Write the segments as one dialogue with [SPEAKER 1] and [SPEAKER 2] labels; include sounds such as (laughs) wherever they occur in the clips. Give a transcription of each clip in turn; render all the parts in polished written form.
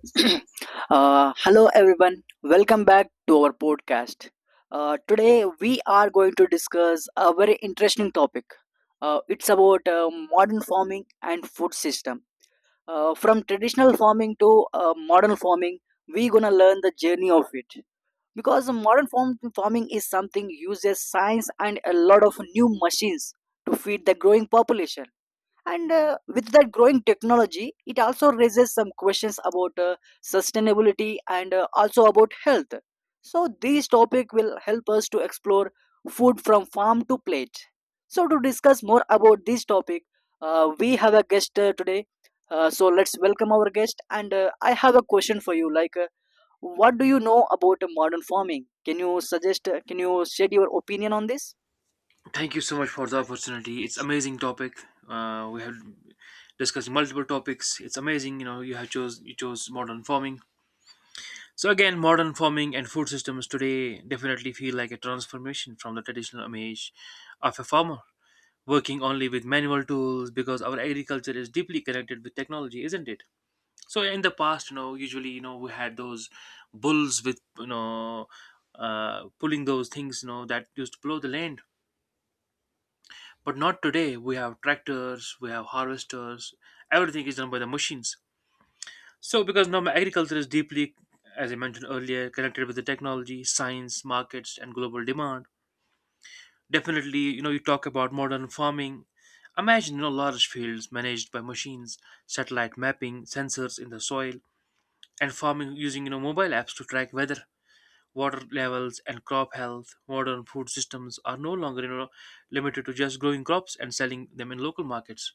[SPEAKER 1] (coughs) (clears throat) Hello, everyone. Welcome back to our podcast. Today, we are going to discuss a very interesting topic. It's about modern farming and food system. From traditional farming to modern farming, we gonna learn the journey of it. Because farming is something uses science and a lot of new machines to feed the growing population, and with that growing technology, it also raises some questions about sustainability and also about health. So this topic will help us to explore food from farm to plate. So to discuss more about this topic, we have a guest today. So let's welcome our guest. And I have a question for you. Like, what do you know about modern farming? Can you suggest? Can you shed your opinion on this?
[SPEAKER 2] Thank you so much for the opportunity. It's amazing topic. We have discussed multiple topics. It's amazing, you know, you chose modern farming. So again, modern farming and food systems today definitely feel like a transformation from the traditional image of a farmer working only with manual tools because our agriculture is deeply connected with technology, isn't it? So in the past, you know, usually you know we had those bulls with pulling those things, you know, that used to plow the land. But not today. We have tractors, we have harvesters, everything is done by the machines. So, because now my agriculture is deeply, as I mentioned earlier, connected with the technology, science, markets, and global demand. Definitely, you know, you talk about modern farming. Imagine, you know, large fields managed by machines, satellite mapping, sensors in the soil, and farming using, you know, mobile apps to track weather, water levels, and crop health. Modern food systems are no longer, you know, limited to just growing crops and selling them in local markets.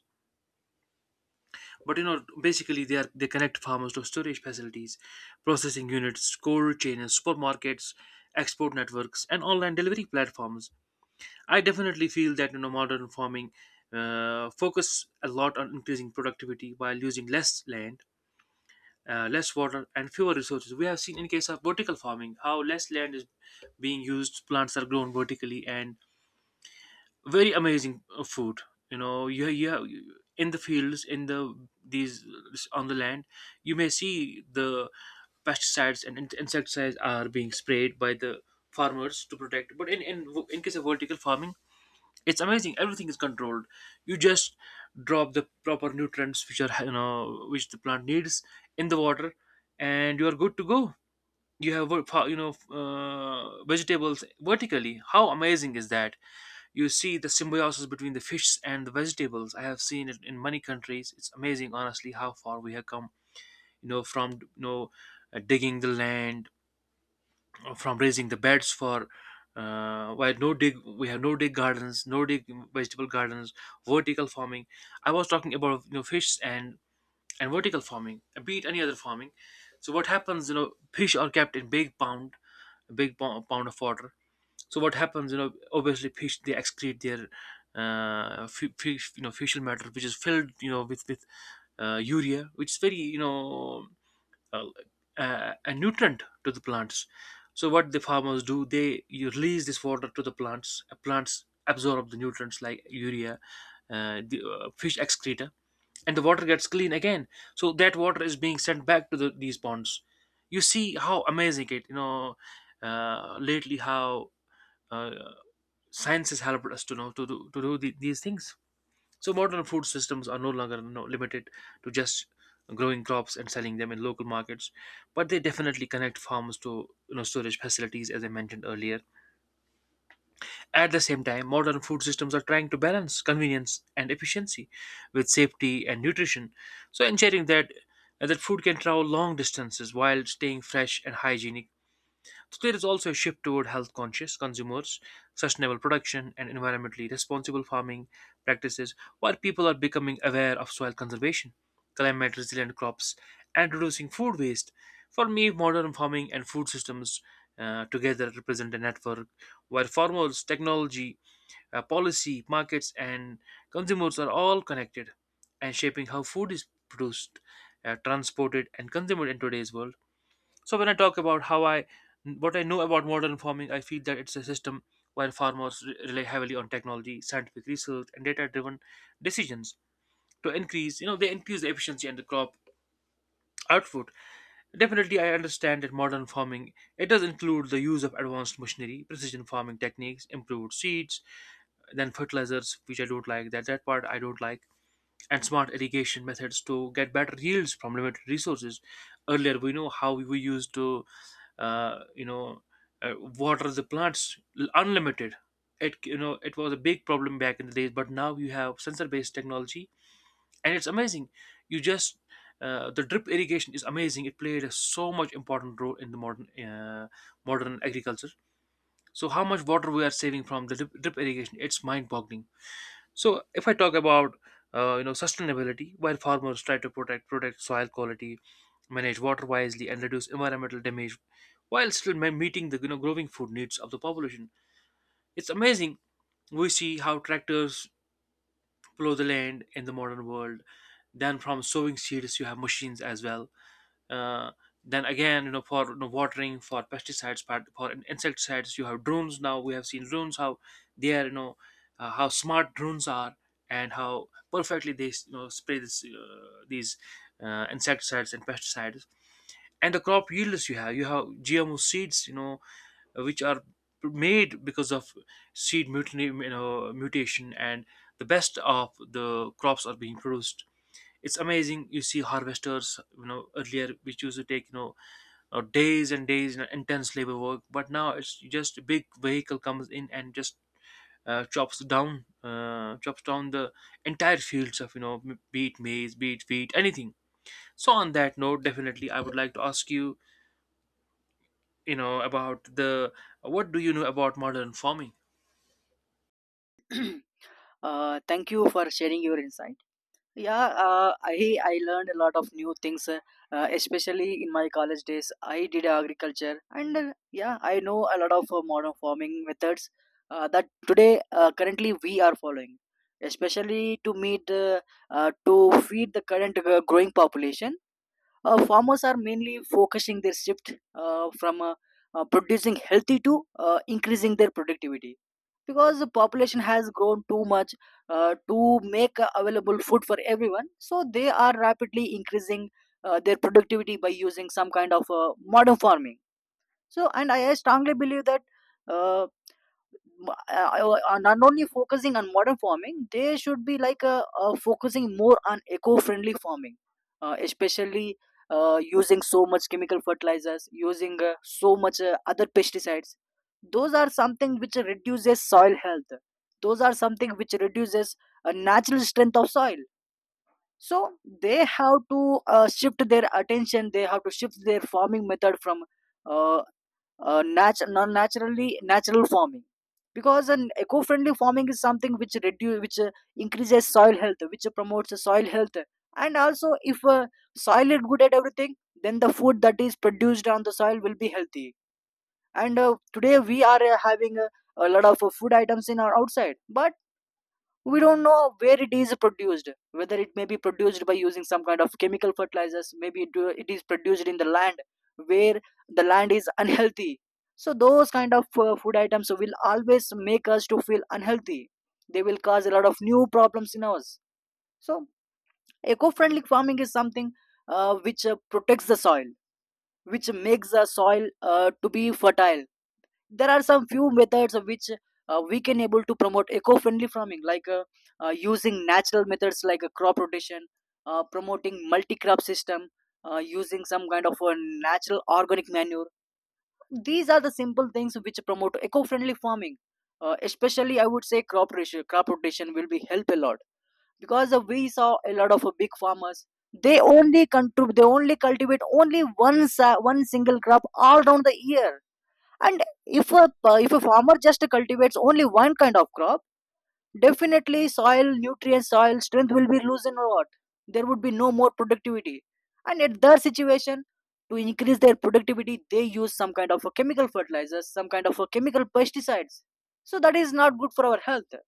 [SPEAKER 2] But you know, basically they connect farmers to storage facilities, processing units, cold chains, supermarkets, export networks, and online delivery platforms. I definitely feel that you know modern farming focus a lot on increasing productivity while using less land, less water, and fewer resources. We have seen in case of vertical farming how less land is being used, plants are grown vertically, and very amazing food you in the fields in the these on the land you may see the pesticides and insecticides are being sprayed by the farmers to protect but in case of vertical farming it's amazing, everything is controlled. You just drop the proper nutrients which are you know which the plant needs in the water, and you are good to go. You have vegetables vertically. How amazing is that? You see the symbiosis between the fish and the vegetables. I have seen it in many countries. It's amazing honestly how far we have come, you know from you know digging the land, from raising the beds for where no dig we have no dig gardens, no dig vegetable gardens, vertical farming. I was talking about you know fish and vertical farming beat any other farming. So what happens, you know, fish are kept in big pond, a big pound of water. So what happens, you know, obviously fish they excrete their fish, you know, facial matter, which is filled, you know, with urea, which is very, you know, uh, a nutrient to the plants. So what the farmers do, they you release this water to the plants. Plants absorb the nutrients like urea, the fish excreta, and the water gets clean again. So that water is being sent back to the, these ponds. You see how amazing it, you know, lately how uh, science has helped us to do the, these things. So modern food systems are no longer you know, limited to just growing crops and selling them in local markets, but they definitely connect farms to you know storage facilities, as I mentioned earlier. At the same time, modern food systems are trying to balance convenience and efficiency with safety and nutrition, so ensuring that food can travel long distances while staying fresh and hygienic. So there is also a shift toward health conscious consumers, sustainable production, and environmentally responsible farming practices, while people are becoming aware of soil conservation, climate resilient crops, and reducing food waste. For me, modern farming and food systems together represent a network where farmers, technology, policy, markets, and consumers are all connected and shaping how food is produced, transported, and consumed in today's world. So when I talk about how I what I know about modern farming, I feel that it's a system where farmers rely heavily on technology, scientific research, and data-driven decisions to increase. You know, they increase the efficiency and the crop output. Definitely, I understand that modern farming it does include the use of advanced machinery, precision farming techniques, improved seeds, then fertilizers, which I don't like. That part I don't like, and smart irrigation methods to get better yields from limited resources. Earlier, we know how we used to uh, you know water the plants unlimited. It you know it was a big problem back in the days, but now you have sensor based technology and it's amazing. You just the drip irrigation is amazing. It played a so much important role in the modern modern agriculture. So how much water we are saving from the drip irrigation, it's mind boggling. So if I talk about you know sustainability, while farmers try to protect soil quality, manage water wisely, and reduce environmental damage while still meeting the you know, growing food needs of the population. It's amazing, we see how tractors plow the land in the modern world. Then from sowing seeds, you have machines as well. Uh, then again, you know, for you know, watering, for pesticides, for insecticides, you have drones. Now we have seen drones how they are, you know, how smart drones are and how perfectly they you know spray this these insecticides and pesticides. And the crop yields, you have gmo seeds, you know, which are made because of seed mutiny, you know, mutation, and the best of the crops are being produced. It's amazing, you see harvesters, you know, earlier which used to take you know days and days and intense labor work, but now it's just a big vehicle comes in and just chops down the entire fields of you know be it maize, be it wheat, anything. So on that note, definitely I would like to ask you, you know, about the what do you know about modern farming.
[SPEAKER 1] (clears throat) Thank you for sharing your insight. Yeah, I learned a lot of new things, especially in my college days. I did agriculture, and yeah, I know a lot of modern farming methods that today currently we are following, especially to meet to feed the current growing population. Farmers are mainly focusing their shift from producing healthy to increasing their productivity because the population has grown too much to make available food for everyone, so they are rapidly increasing their productivity by using some kind of modern farming. So, and I strongly believe that uh, not only focusing on modern farming, they should be like focusing more on eco-friendly farming, especially using so much chemical fertilizers, using so much other pesticides. Those are something which reduces soil health. Those are something which reduces natural strength of soil. So they have to shift their attention. They have to shift their farming method from uh, non naturally natural farming because an eco-friendly farming is something which increases soil health, which promotes the soil health. And also, if soil is good at everything, then the food that is produced on the soil will be healthy. And today we are having a lot of food items in our outside, but we don't know where it is produced, whether it may be produced by using some kind of chemical fertilizers. Maybe it is produced in the land where the land is unhealthy. So those kind of food items will always make us to feel unhealthy. They will cause a lot of new problems in us. So eco-friendly farming is something which protects the soil, which makes the soil to be fertile. There are some few methods of which we can able to promote eco-friendly farming, like using natural methods like a crop rotation, promoting multi-crop system, using some kind of a natural organic manure. These are the simple things which promote eco-friendly farming. Especially I would say crop rotation will be help a lot, because we saw a lot of big farmers, they they only cultivate only one single crop all around the year. And if a if a farmer just cultivates only one kind of crop, definitely soil nutrients, soil strength will be losing a lot. There would be no more productivity, and at their situation, to increase their productivity, they use some kind of a chemical fertilizers, some kind of a chemical pesticides. So that is not good for our health.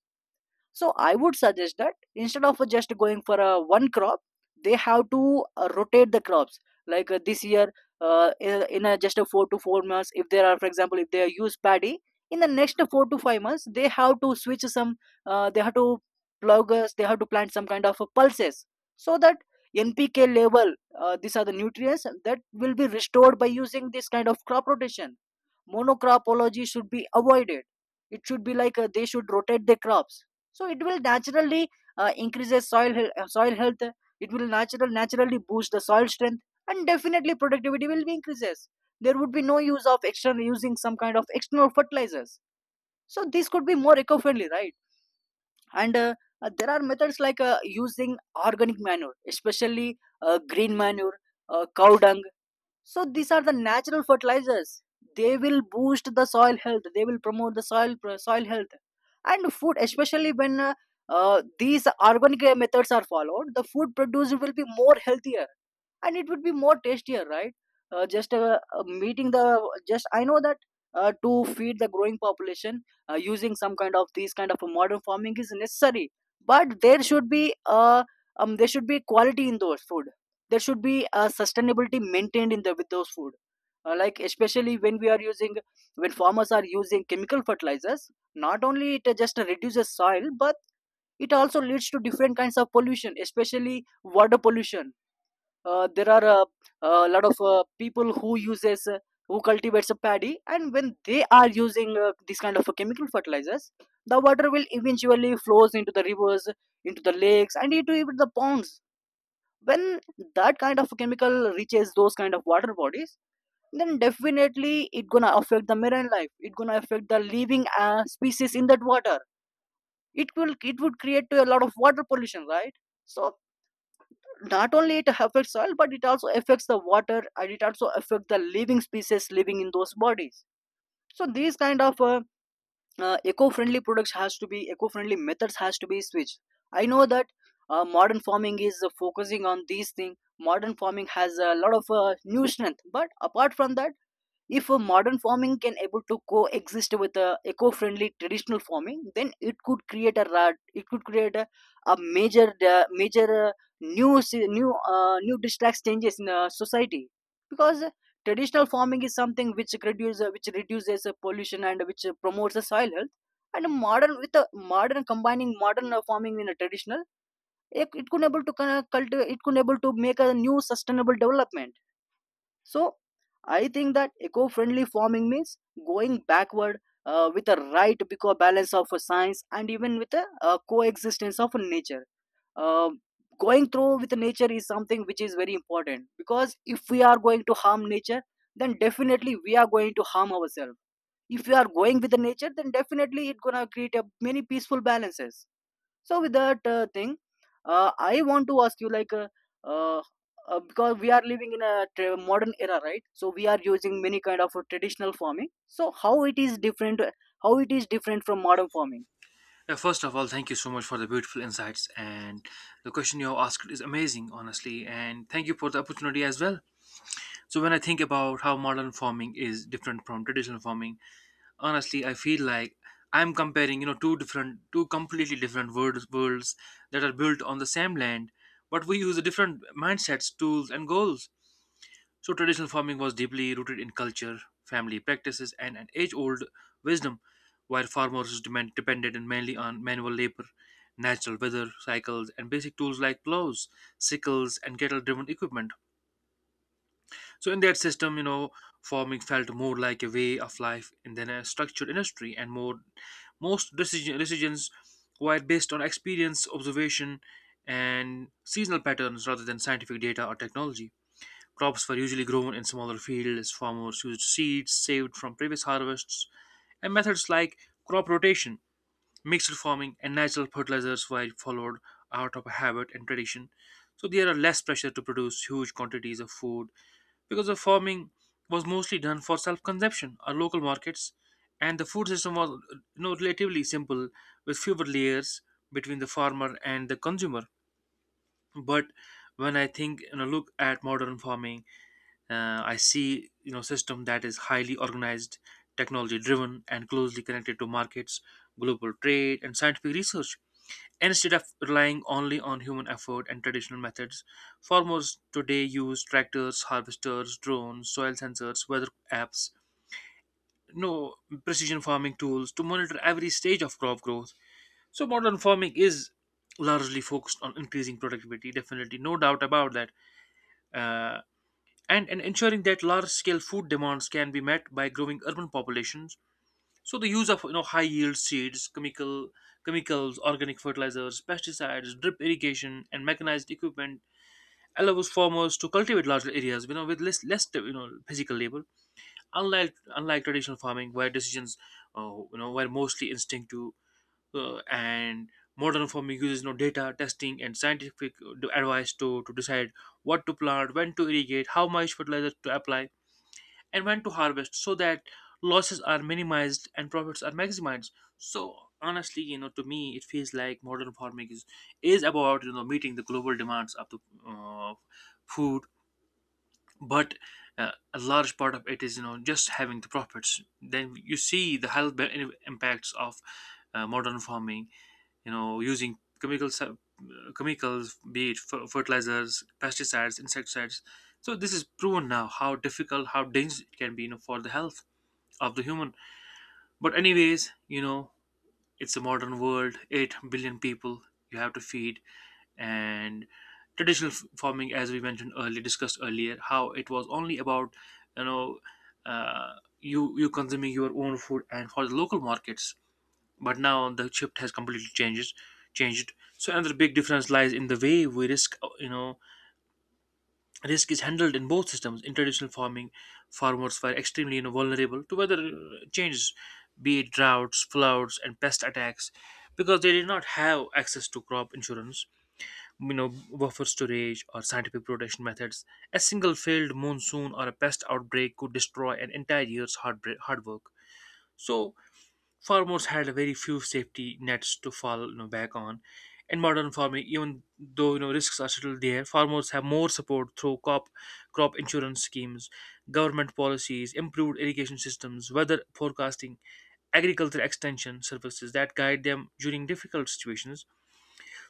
[SPEAKER 1] So I would suggest that instead of just going for a one crop, they have to rotate the crops. Like this year, in a just a four to four months, if there are, for example, if they use paddy, in the next four to five months, they have to switch some. They have to plug. Us. They have to plant some kind of pulses so that NPK level. These are the nutrients that will be restored by using this kind of crop rotation. Monocropology should be avoided. It should be like they should rotate the crops, so it will naturally increase the soil hel- soil health. It will naturally boost the soil strength, and definitely productivity will be increases. There would be no use of external, using some kind of external fertilizers. So this could be more eco friendly, right? And there are methods like using organic manure, especially green manure, cow dung. So these are the natural fertilizers. They will boost the soil health. They will promote the soil health. And food, especially when these organic methods are followed, the food produced will be more healthier, and it would be more tastier, right? Just Meeting the just, I know that to feed the growing population, using some kind of these kind of a modern farming is necessary, but there should be quality in those food. There should be a sustainability maintained in the with those food. Like, especially when we are using, when farmers are using chemical fertilizers, not only it just reduces soil, but it also leads to different kinds of pollution, especially water pollution. There are a lot of people who uses who cultivates a paddy, and when they are using this kind of chemical fertilizers, the water will eventually flows into the rivers, into the lakes, and into even the ponds. When that kind of chemical reaches those kind of water bodies, then definitely it gonna affect the marine life. It gonna affect the living species in that water. It would create to a lot of water pollution, right? So not only it affects soil, but it also affects the water, and it also affects the living species living in those bodies. So these kind of eco-friendly methods has to be switched. I know that modern farming is focusing on these things. Modern farming has a lot of new strength, but apart from that, if a modern farming can able to coexist with a eco-friendly traditional farming, then it could create a major major new se- new new distracts changes in society. Because traditional farming is something which reduces pollution, and which promotes the soil health. And modern, with a modern, combining modern farming in a traditional, it could able to kind of cultivate, it could able to make a new sustainable development. So I think that eco-friendly farming means going backward with a right, because balance of a science and even with a, coexistence of nature. Um, going through with nature is something which is very important, because if we are going to harm nature, then definitely we are going to harm ourselves. If we are going with the nature, then definitely it's gonna create a many peaceful balances. So with that thing, I want to ask you, like uh, because we are living in a modern era, right? So we are using many kind of traditional farming. So how it is different? How it is different from modern farming?
[SPEAKER 2] First of all, thank you so much for the beautiful insights, and the question you have asked is amazing honestly, and thank you for the opportunity as well. So when I think about how modern farming is different from traditional farming, honestly I feel like I'm comparing you know two completely different worlds that are built on the same land, but we use different mindsets, tools, and goals. So traditional farming was deeply rooted in culture, family practices, and an age-old wisdom, while depended in mainly on manual labor, natural weather cycles, and basic tools like plows, sickles, and cattle-driven equipment. So in that system, you know, farming felt more like a way of life and than a structured industry, and more most decisions were based on experience, observation, and seasonal patterns rather than scientific data or technology. Crops were usually grown in smaller fields. Farmers used seeds saved from previous harvests, and methods like crop rotation, mixed farming, and natural fertilizers were followed out of habit and tradition. So there are less pressure to produce huge quantities of food because the farming was mostly done for self-consumption or local markets, and the food system was you know relatively simple with fewer layers between the farmer and the consumer. But when I think look at modern farming, I see you know system that is highly organized, technology driven, and closely connected to markets, global trade, and scientific research. Instead of relying only on human effort and traditional methods, farmers today use tractors, harvesters, drones, soil sensors, weather apps, no precision farming tools to monitor every stage of crop growth. So modern farming is largely focused on increasing productivity. Definitely, no doubt about that. Uh, and ensuring that large scale food demands can be met by growing urban populations. So the use of you know high yield seeds, chemicals, organic fertilizers, pesticides, drip irrigation, and mechanized equipment allows farmers to cultivate larger areas, you know, with less you know physical labor. Unlike traditional farming, where decisions were mostly instinctive, and modern farming uses data, testing, and scientific advice to decide what to plant, when to irrigate, how much fertilizer to apply and when to harvest so that losses are minimized and profits are maximized. So honestly, to me it feels like modern farming is about meeting the global demands of the uh, food, but a large part of it is just having the profits. Then you see the health impacts of modern farming, using chemicals, chemicals be it fertilizers, pesticides, insecticides. So this is proven now, how difficult, how dangerous it can be, for the health of the human. But anyways, it's a modern world, 8 billion people you have to feed. And traditional farming, as we mentioned earlier, discussed earlier, how it was only about you know uh, you consuming your own food and for the local markets. But now the shift has completely changed. So another big difference lies in the way we risk you know risk is handled in both systems. In traditional farming, farmers were extremely vulnerable to weather changes, be it droughts, floods and pest attacks, because they did not have access to crop insurance, buffer storage or scientific protection methods. A single failed monsoon or a pest outbreak could destroy an entire year's hard work. So farmers had very few safety nets to fall back on. In modern farming, even though risks are still there, farmers have more support through crop insurance schemes, government policies, improved irrigation systems, weather forecasting, agriculture extension services that guide them during difficult situations.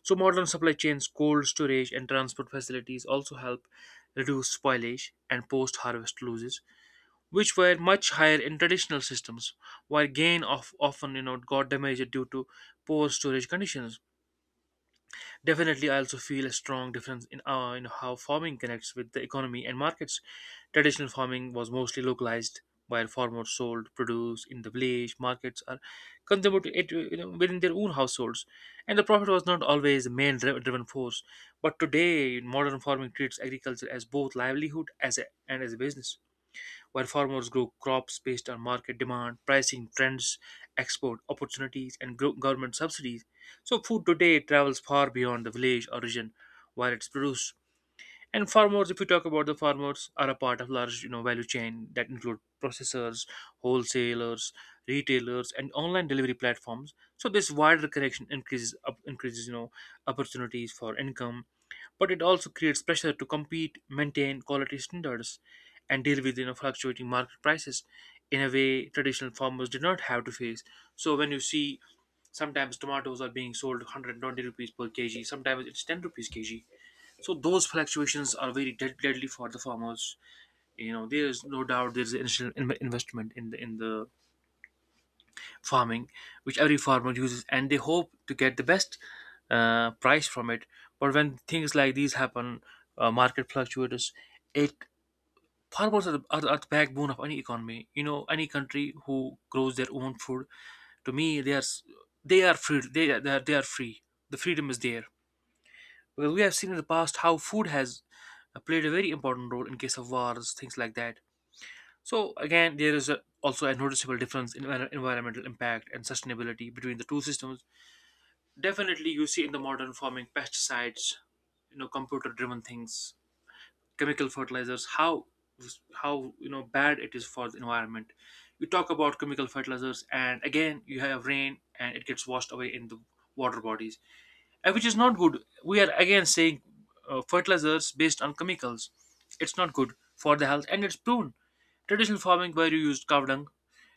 [SPEAKER 2] So modern supply chains, cold storage, and transport facilities also help reduce spoilage and post-harvest losses, which were much higher in traditional systems, while gain of often got damaged due to poor storage conditions. Definitely, I also feel a strong difference in how farming connects with the economy and markets. Traditional farming was mostly localized, while farmers sold produce in the village markets or consumed it, within their own households, and the profit was not always the main driven force. But today, modern farming treats agriculture as both livelihood and as a business, while farmers grow crops based on market demand, pricing trends, export opportunities, and government subsidies. So food today travels far beyond the village origin while it's produced, and farmers, if you talk about the farmers, are a part of large value chain that include processors, wholesalers, retailers and online delivery platforms. So this wider connection increases opportunities for income, but it also creates pressure to compete, maintain quality standards and deal with fluctuating market prices in a way traditional farmers did not have to face. So when you see, sometimes tomatoes are being sold 120 rupees per kg, sometimes it's 10 rupees kg. So those fluctuations are very deadly for the farmers. You know, there is no doubt there is an initial investment in the farming, which every farmer uses, and they hope to get the best price from it. But when things like these happen, market fluctuators, it, farmers are the backbone of any economy. You know, any country who grows their own food, to me, they are free. They are free. The freedom is there. Because we have seen in the past how food has played a very important role in case of wars, things like that. So again, there is also a noticeable difference in environmental impact and sustainability between the two systems. Definitely, you see in the modern farming, pesticides, computer-driven things, chemical fertilizers, how how bad it is for the environment. You talk about chemical fertilizers, and again, you have rain, and it gets washed away in the water bodies, which is not good. We are again saying fertilizers based on chemicals. It's not good for the health, and it's proven. Traditional farming where you used cow dung,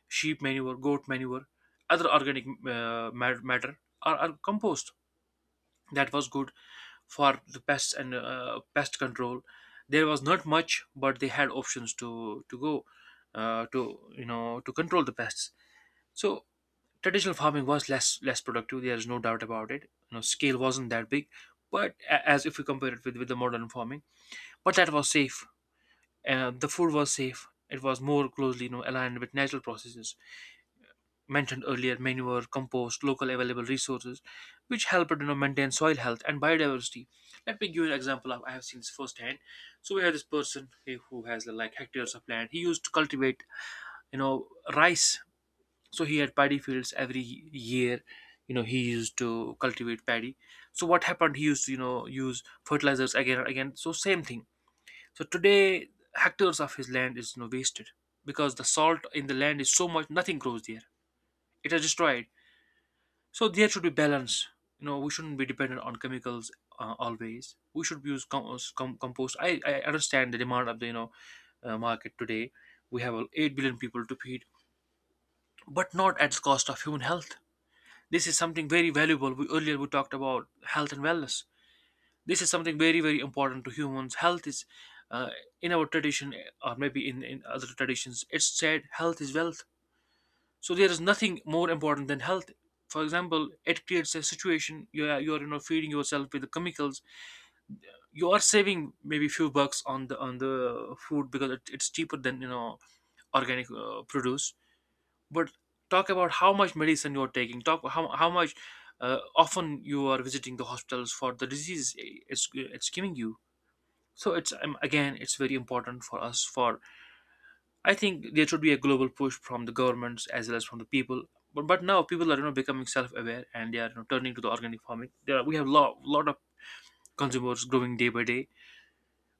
[SPEAKER 2] sheep manure, goat manure, other organic matter are compost. That was good for the pests and pest control. There was not much, but they had options to go to to control the pests. So traditional farming was less productive. There is no doubt about it. You know, scale wasn't that big, but as if we compare it with the modern farming. But that was safe, the food was safe. It was more closely, aligned with natural processes mentioned earlier: manure, compost, local available resources, which helped maintain soil health and biodiversity. Let me give you an example of, I have seen this firsthand. So we have this person, who has like hectares of land, he used to cultivate, you know rice. So he had paddy fields every year, you know, he used to cultivate paddy. So what happened, he used to use fertilizers again and again, so same thing. So today, hectares of his land is, wasted, because the salt in the land is so much, nothing grows there. It is destroyed. So there should be balance. You know, we shouldn't be dependent on chemicals, always. We should use compost. I understand the demand of the, market today. We have 8 billion people to feed, but not at the cost of human health. This is something very valuable. We, earlier we talked about health and wellness. This is something very very important to humans. Health is, uh, in our tradition, or maybe in other traditions, it's said health is wealth. So there is nothing more important than health. For example, it creates a situation, you are feeding yourself with the chemicals. You are saving maybe few bucks on the food because it, it's cheaper than, organic produce. But talk about how much medicine you're taking, talk how much often you are visiting the hospitals for the disease it's giving you. So it's again, it's very important for us. For, I think there should be a global push from the governments as well as from the people. But now people are, becoming self-aware, and they are, turning to the organic farming. There are, we have a lot of consumers growing day by day.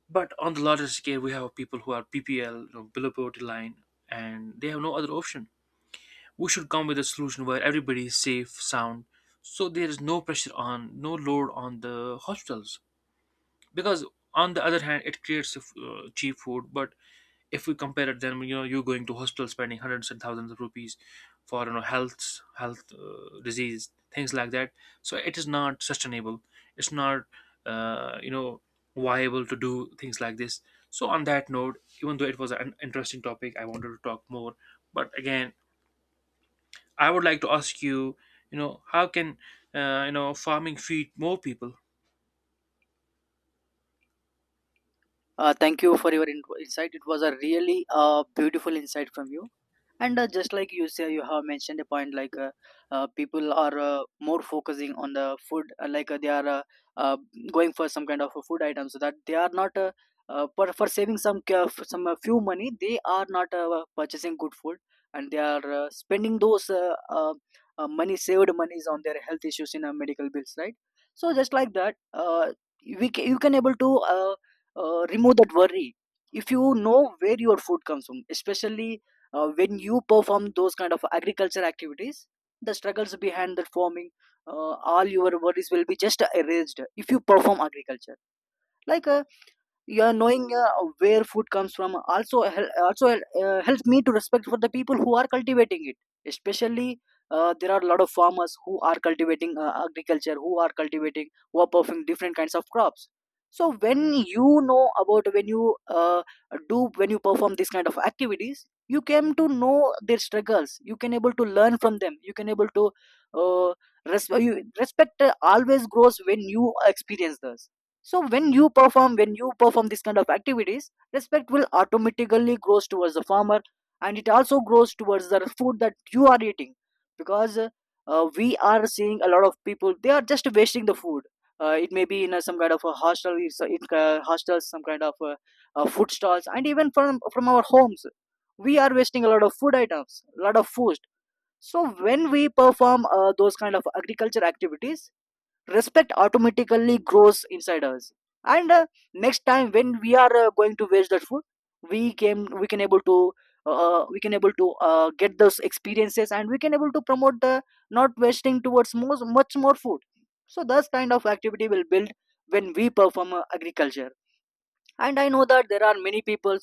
[SPEAKER 2] But on the larger scale, we have people who are ppl, below poverty line, and they have no other option. We should come with a solution where everybody is safe, sound, so there is no pressure on, no load on the hospitals. Because on the other hand, it creates cheap food, but if we compare it, then, you know, you're going to hospital spending hundreds and thousands of rupees for, health disease, things like that. So it is not sustainable. It's not, uh, you know viable to do things like this. So on that note, even though it was an interesting topic, I wanted to talk more. But again, I would like to ask you, you know, how can, farming feed more people?
[SPEAKER 1] Thank you for your insight. It was a really beautiful insight from you. And just like you say, you have mentioned a point like people are more focusing on the food, like they are uh, going for some kind of a food item, so that they are not for saving some few money, they are not purchasing good food, and they are spending those money saved monies on their health issues in medical bills, right? So just like that, you can able to. Remove that worry if you know where your food comes from, especially when you perform those kind of agriculture activities, the struggles behind that farming. All your worries will be just erased if you perform agriculture. like uh, yeah, knowing where food comes from also also helps me to respect for the people who are cultivating it, especially there are a lot of farmers who are cultivating, agriculture, who are cultivating, who are performing different kinds of crops. So when you know about, when you do, when you perform these kind of activities, you came to know their struggles, you can able to learn from them, you can able to uh, you, respect always grows when you experience this. So when you perform this kind of activities, respect will automatically grows towards the farmer, and it also grows towards the food that you are eating, because we are seeing a lot of people, they are just wasting the food. It may be in a, some kind of a hostel, it's a, it, hostels, some kind of food stalls, and even from our homes, we are wasting a lot of food items, a lot of food. So when we perform those kind of agriculture activities, respect automatically grows inside us, and next time when we are going to waste that food, we can able to we can able to get those experiences, and we can able to promote the not wasting towards more, much more food. So thus kind of activity will build when we perform agriculture. And I know that there are many people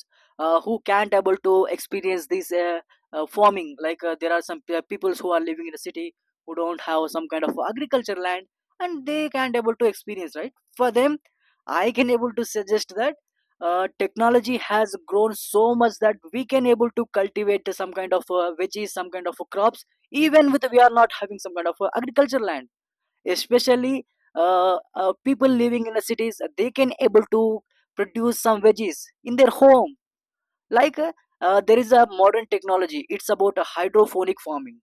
[SPEAKER 1] who can't able to experience this farming. There are some people who are living in a city who don't have some kind of agriculture land, and they can't able to experience. Right, for them, I can able to suggest that technology has grown so much that we can able to cultivate some kind of veggies, some kind of crops, even with we are not having some kind of agriculture land. Especially people living in the cities, they can able to produce some veggies in their home. like uh, there is a modern technology. It's about a hydroponic farming.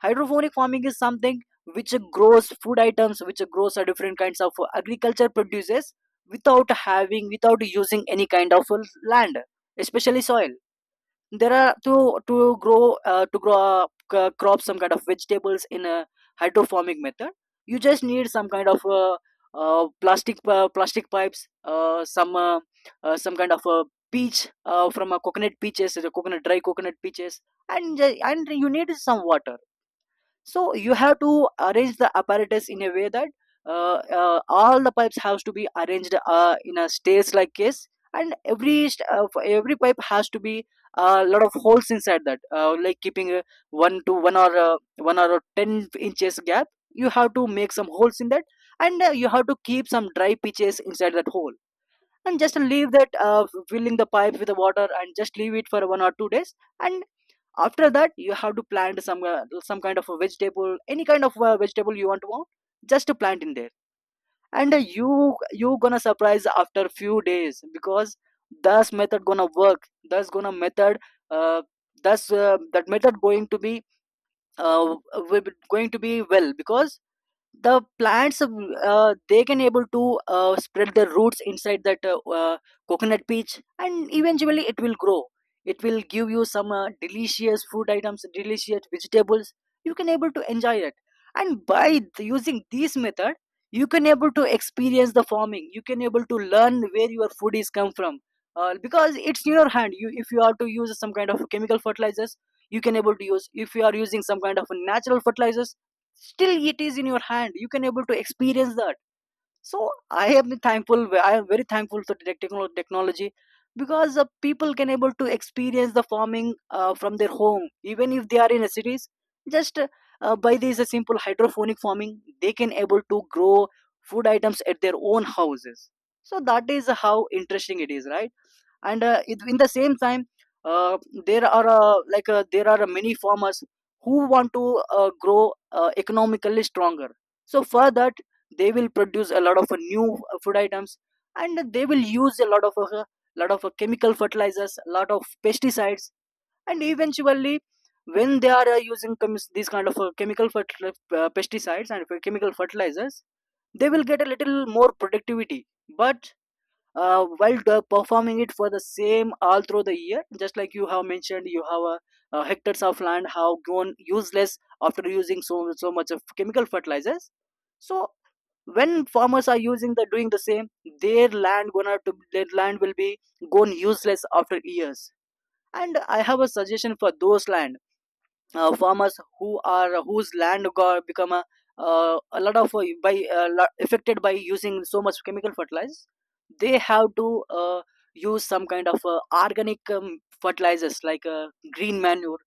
[SPEAKER 1] Hydroponic farming is something which grows food items, which grows a different kinds of agriculture produces without having, without using any kind of land, especially soil. There are to grow up, crop, some kind of vegetables in a hydroponic method. You just need some kind of plastic, plastic pipes, some kind of a peach, from a coconut, peaches, the coconut, dry coconut peaches, and and you need some water. So you have to arrange the apparatus in a way that all the pipes have to be arranged in a stairs like case, and every for every pipe has to be a lot of holes inside that, like keeping one to one, or one or 10 inches gap, you have to make some holes in that. And you have to keep some dry pitches inside that hole, and just leave that, filling the pipe with the water, and just leave it for 1 or 2 days. And after that, you have to plant some kind of a vegetable, any kind of vegetable you want to want, just to plant in there. And you, you gonna surprise after few days, because this method gonna work. This gonna method, uh, thus that method going to be uh, going to be well, because the plants they can able to spread their roots inside that coconut peach, and eventually it will grow. It will give you some delicious food items, delicious vegetables. You can able to enjoy it. And by using this method, you can able to experience the farming, you can able to learn where your food is come from, because it's in your hand. You, if you are to use some kind of chemical fertilizers, you can able to use. If you are using some kind of natural fertilizers, still it is in your hand, you can able to experience that. So I am thankful, I am very thankful to the technology, because people can able to experience the farming from their home, even if they are in a cities, just by this a simple hydroponic farming, they can able to grow food items at their own houses. So that is how interesting it is, right? And in the same time, uh, there are there are many farmers who want to grow economically stronger. So for that, they will produce a lot of new food items, and they will use a lot of chemical fertilizers, a lot of pesticides. And eventually, when they are using chemis- these kind of chemical pesticides and chemical fertilizers, they will get a little more productivity. But while performing it for the same all through the year, just like you have mentioned, you have hectares of land have gone useless after using so, so much of chemical fertilizers. So when farmers are using, the doing the same, their land gonna to their land will be gone useless after years. And I have a suggestion for those land, farmers who are, whose land got become a lot of by lot affected by using so much chemical fertilizers. They have to use some kind of organic fertilizers, like green manure,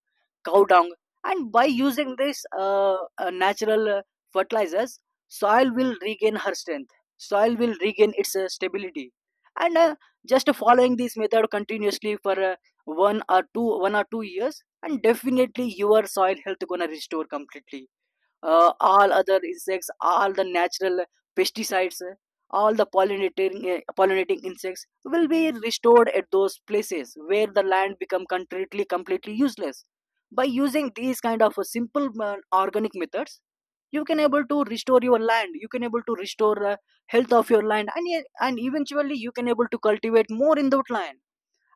[SPEAKER 1] cow dung. And by using this natural fertilizers, soil will regain her strength, soil will regain its stability. And just following this method continuously for one or 2 years, and definitely your soil health gonna restore completely. All other insects, all the natural pesticides, all the pollinating insects will be restored at those places where the land become completely, completely useless. By using these kind of simple organic methods, you can able to restore your land, you can able to restore the health of your land. And, and eventually you can able to cultivate more in that land.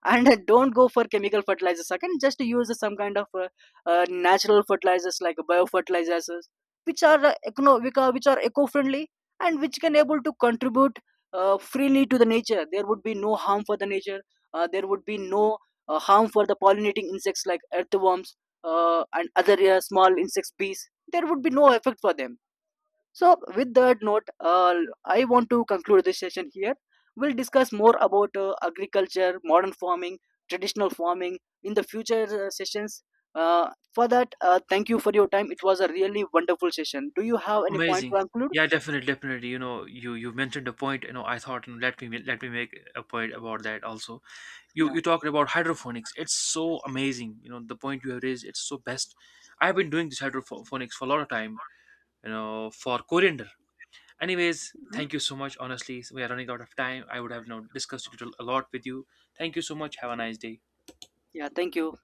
[SPEAKER 1] And (laughs) don't go for chemical fertilizers second, just use some kind of natural fertilizers like biofertilizers, which are which are, which are eco-friendly, and which can able to contribute freely to the nature. There would be no harm for the nature, there would be no harm for the pollinating insects like earthworms, and other small insects, bees. There would be no effect for them. So, with that note, I want to conclude this session here. We'll discuss more about agriculture, modern farming, traditional farming in the future sessions. For that, thank you for your time. It was a really wonderful session. Do you have any point to
[SPEAKER 2] Amazing.
[SPEAKER 1] conclude?
[SPEAKER 2] Yeah, definitely. You know, you mentioned a point. You know, I thought, and let me make a point about that also. You
[SPEAKER 1] Yeah.
[SPEAKER 2] you talked about hydroponics. It's so amazing. You know, the point you have raised. It's so best. I've been doing this hydroponics for a lot of time. You know, for coriander. Anyways,
[SPEAKER 1] Mhm.
[SPEAKER 2] thank you so much. Honestly, we are running out of time. I would have you discussed it a lot with you. Thank you so much. Have a nice day.
[SPEAKER 1] Yeah, thank you.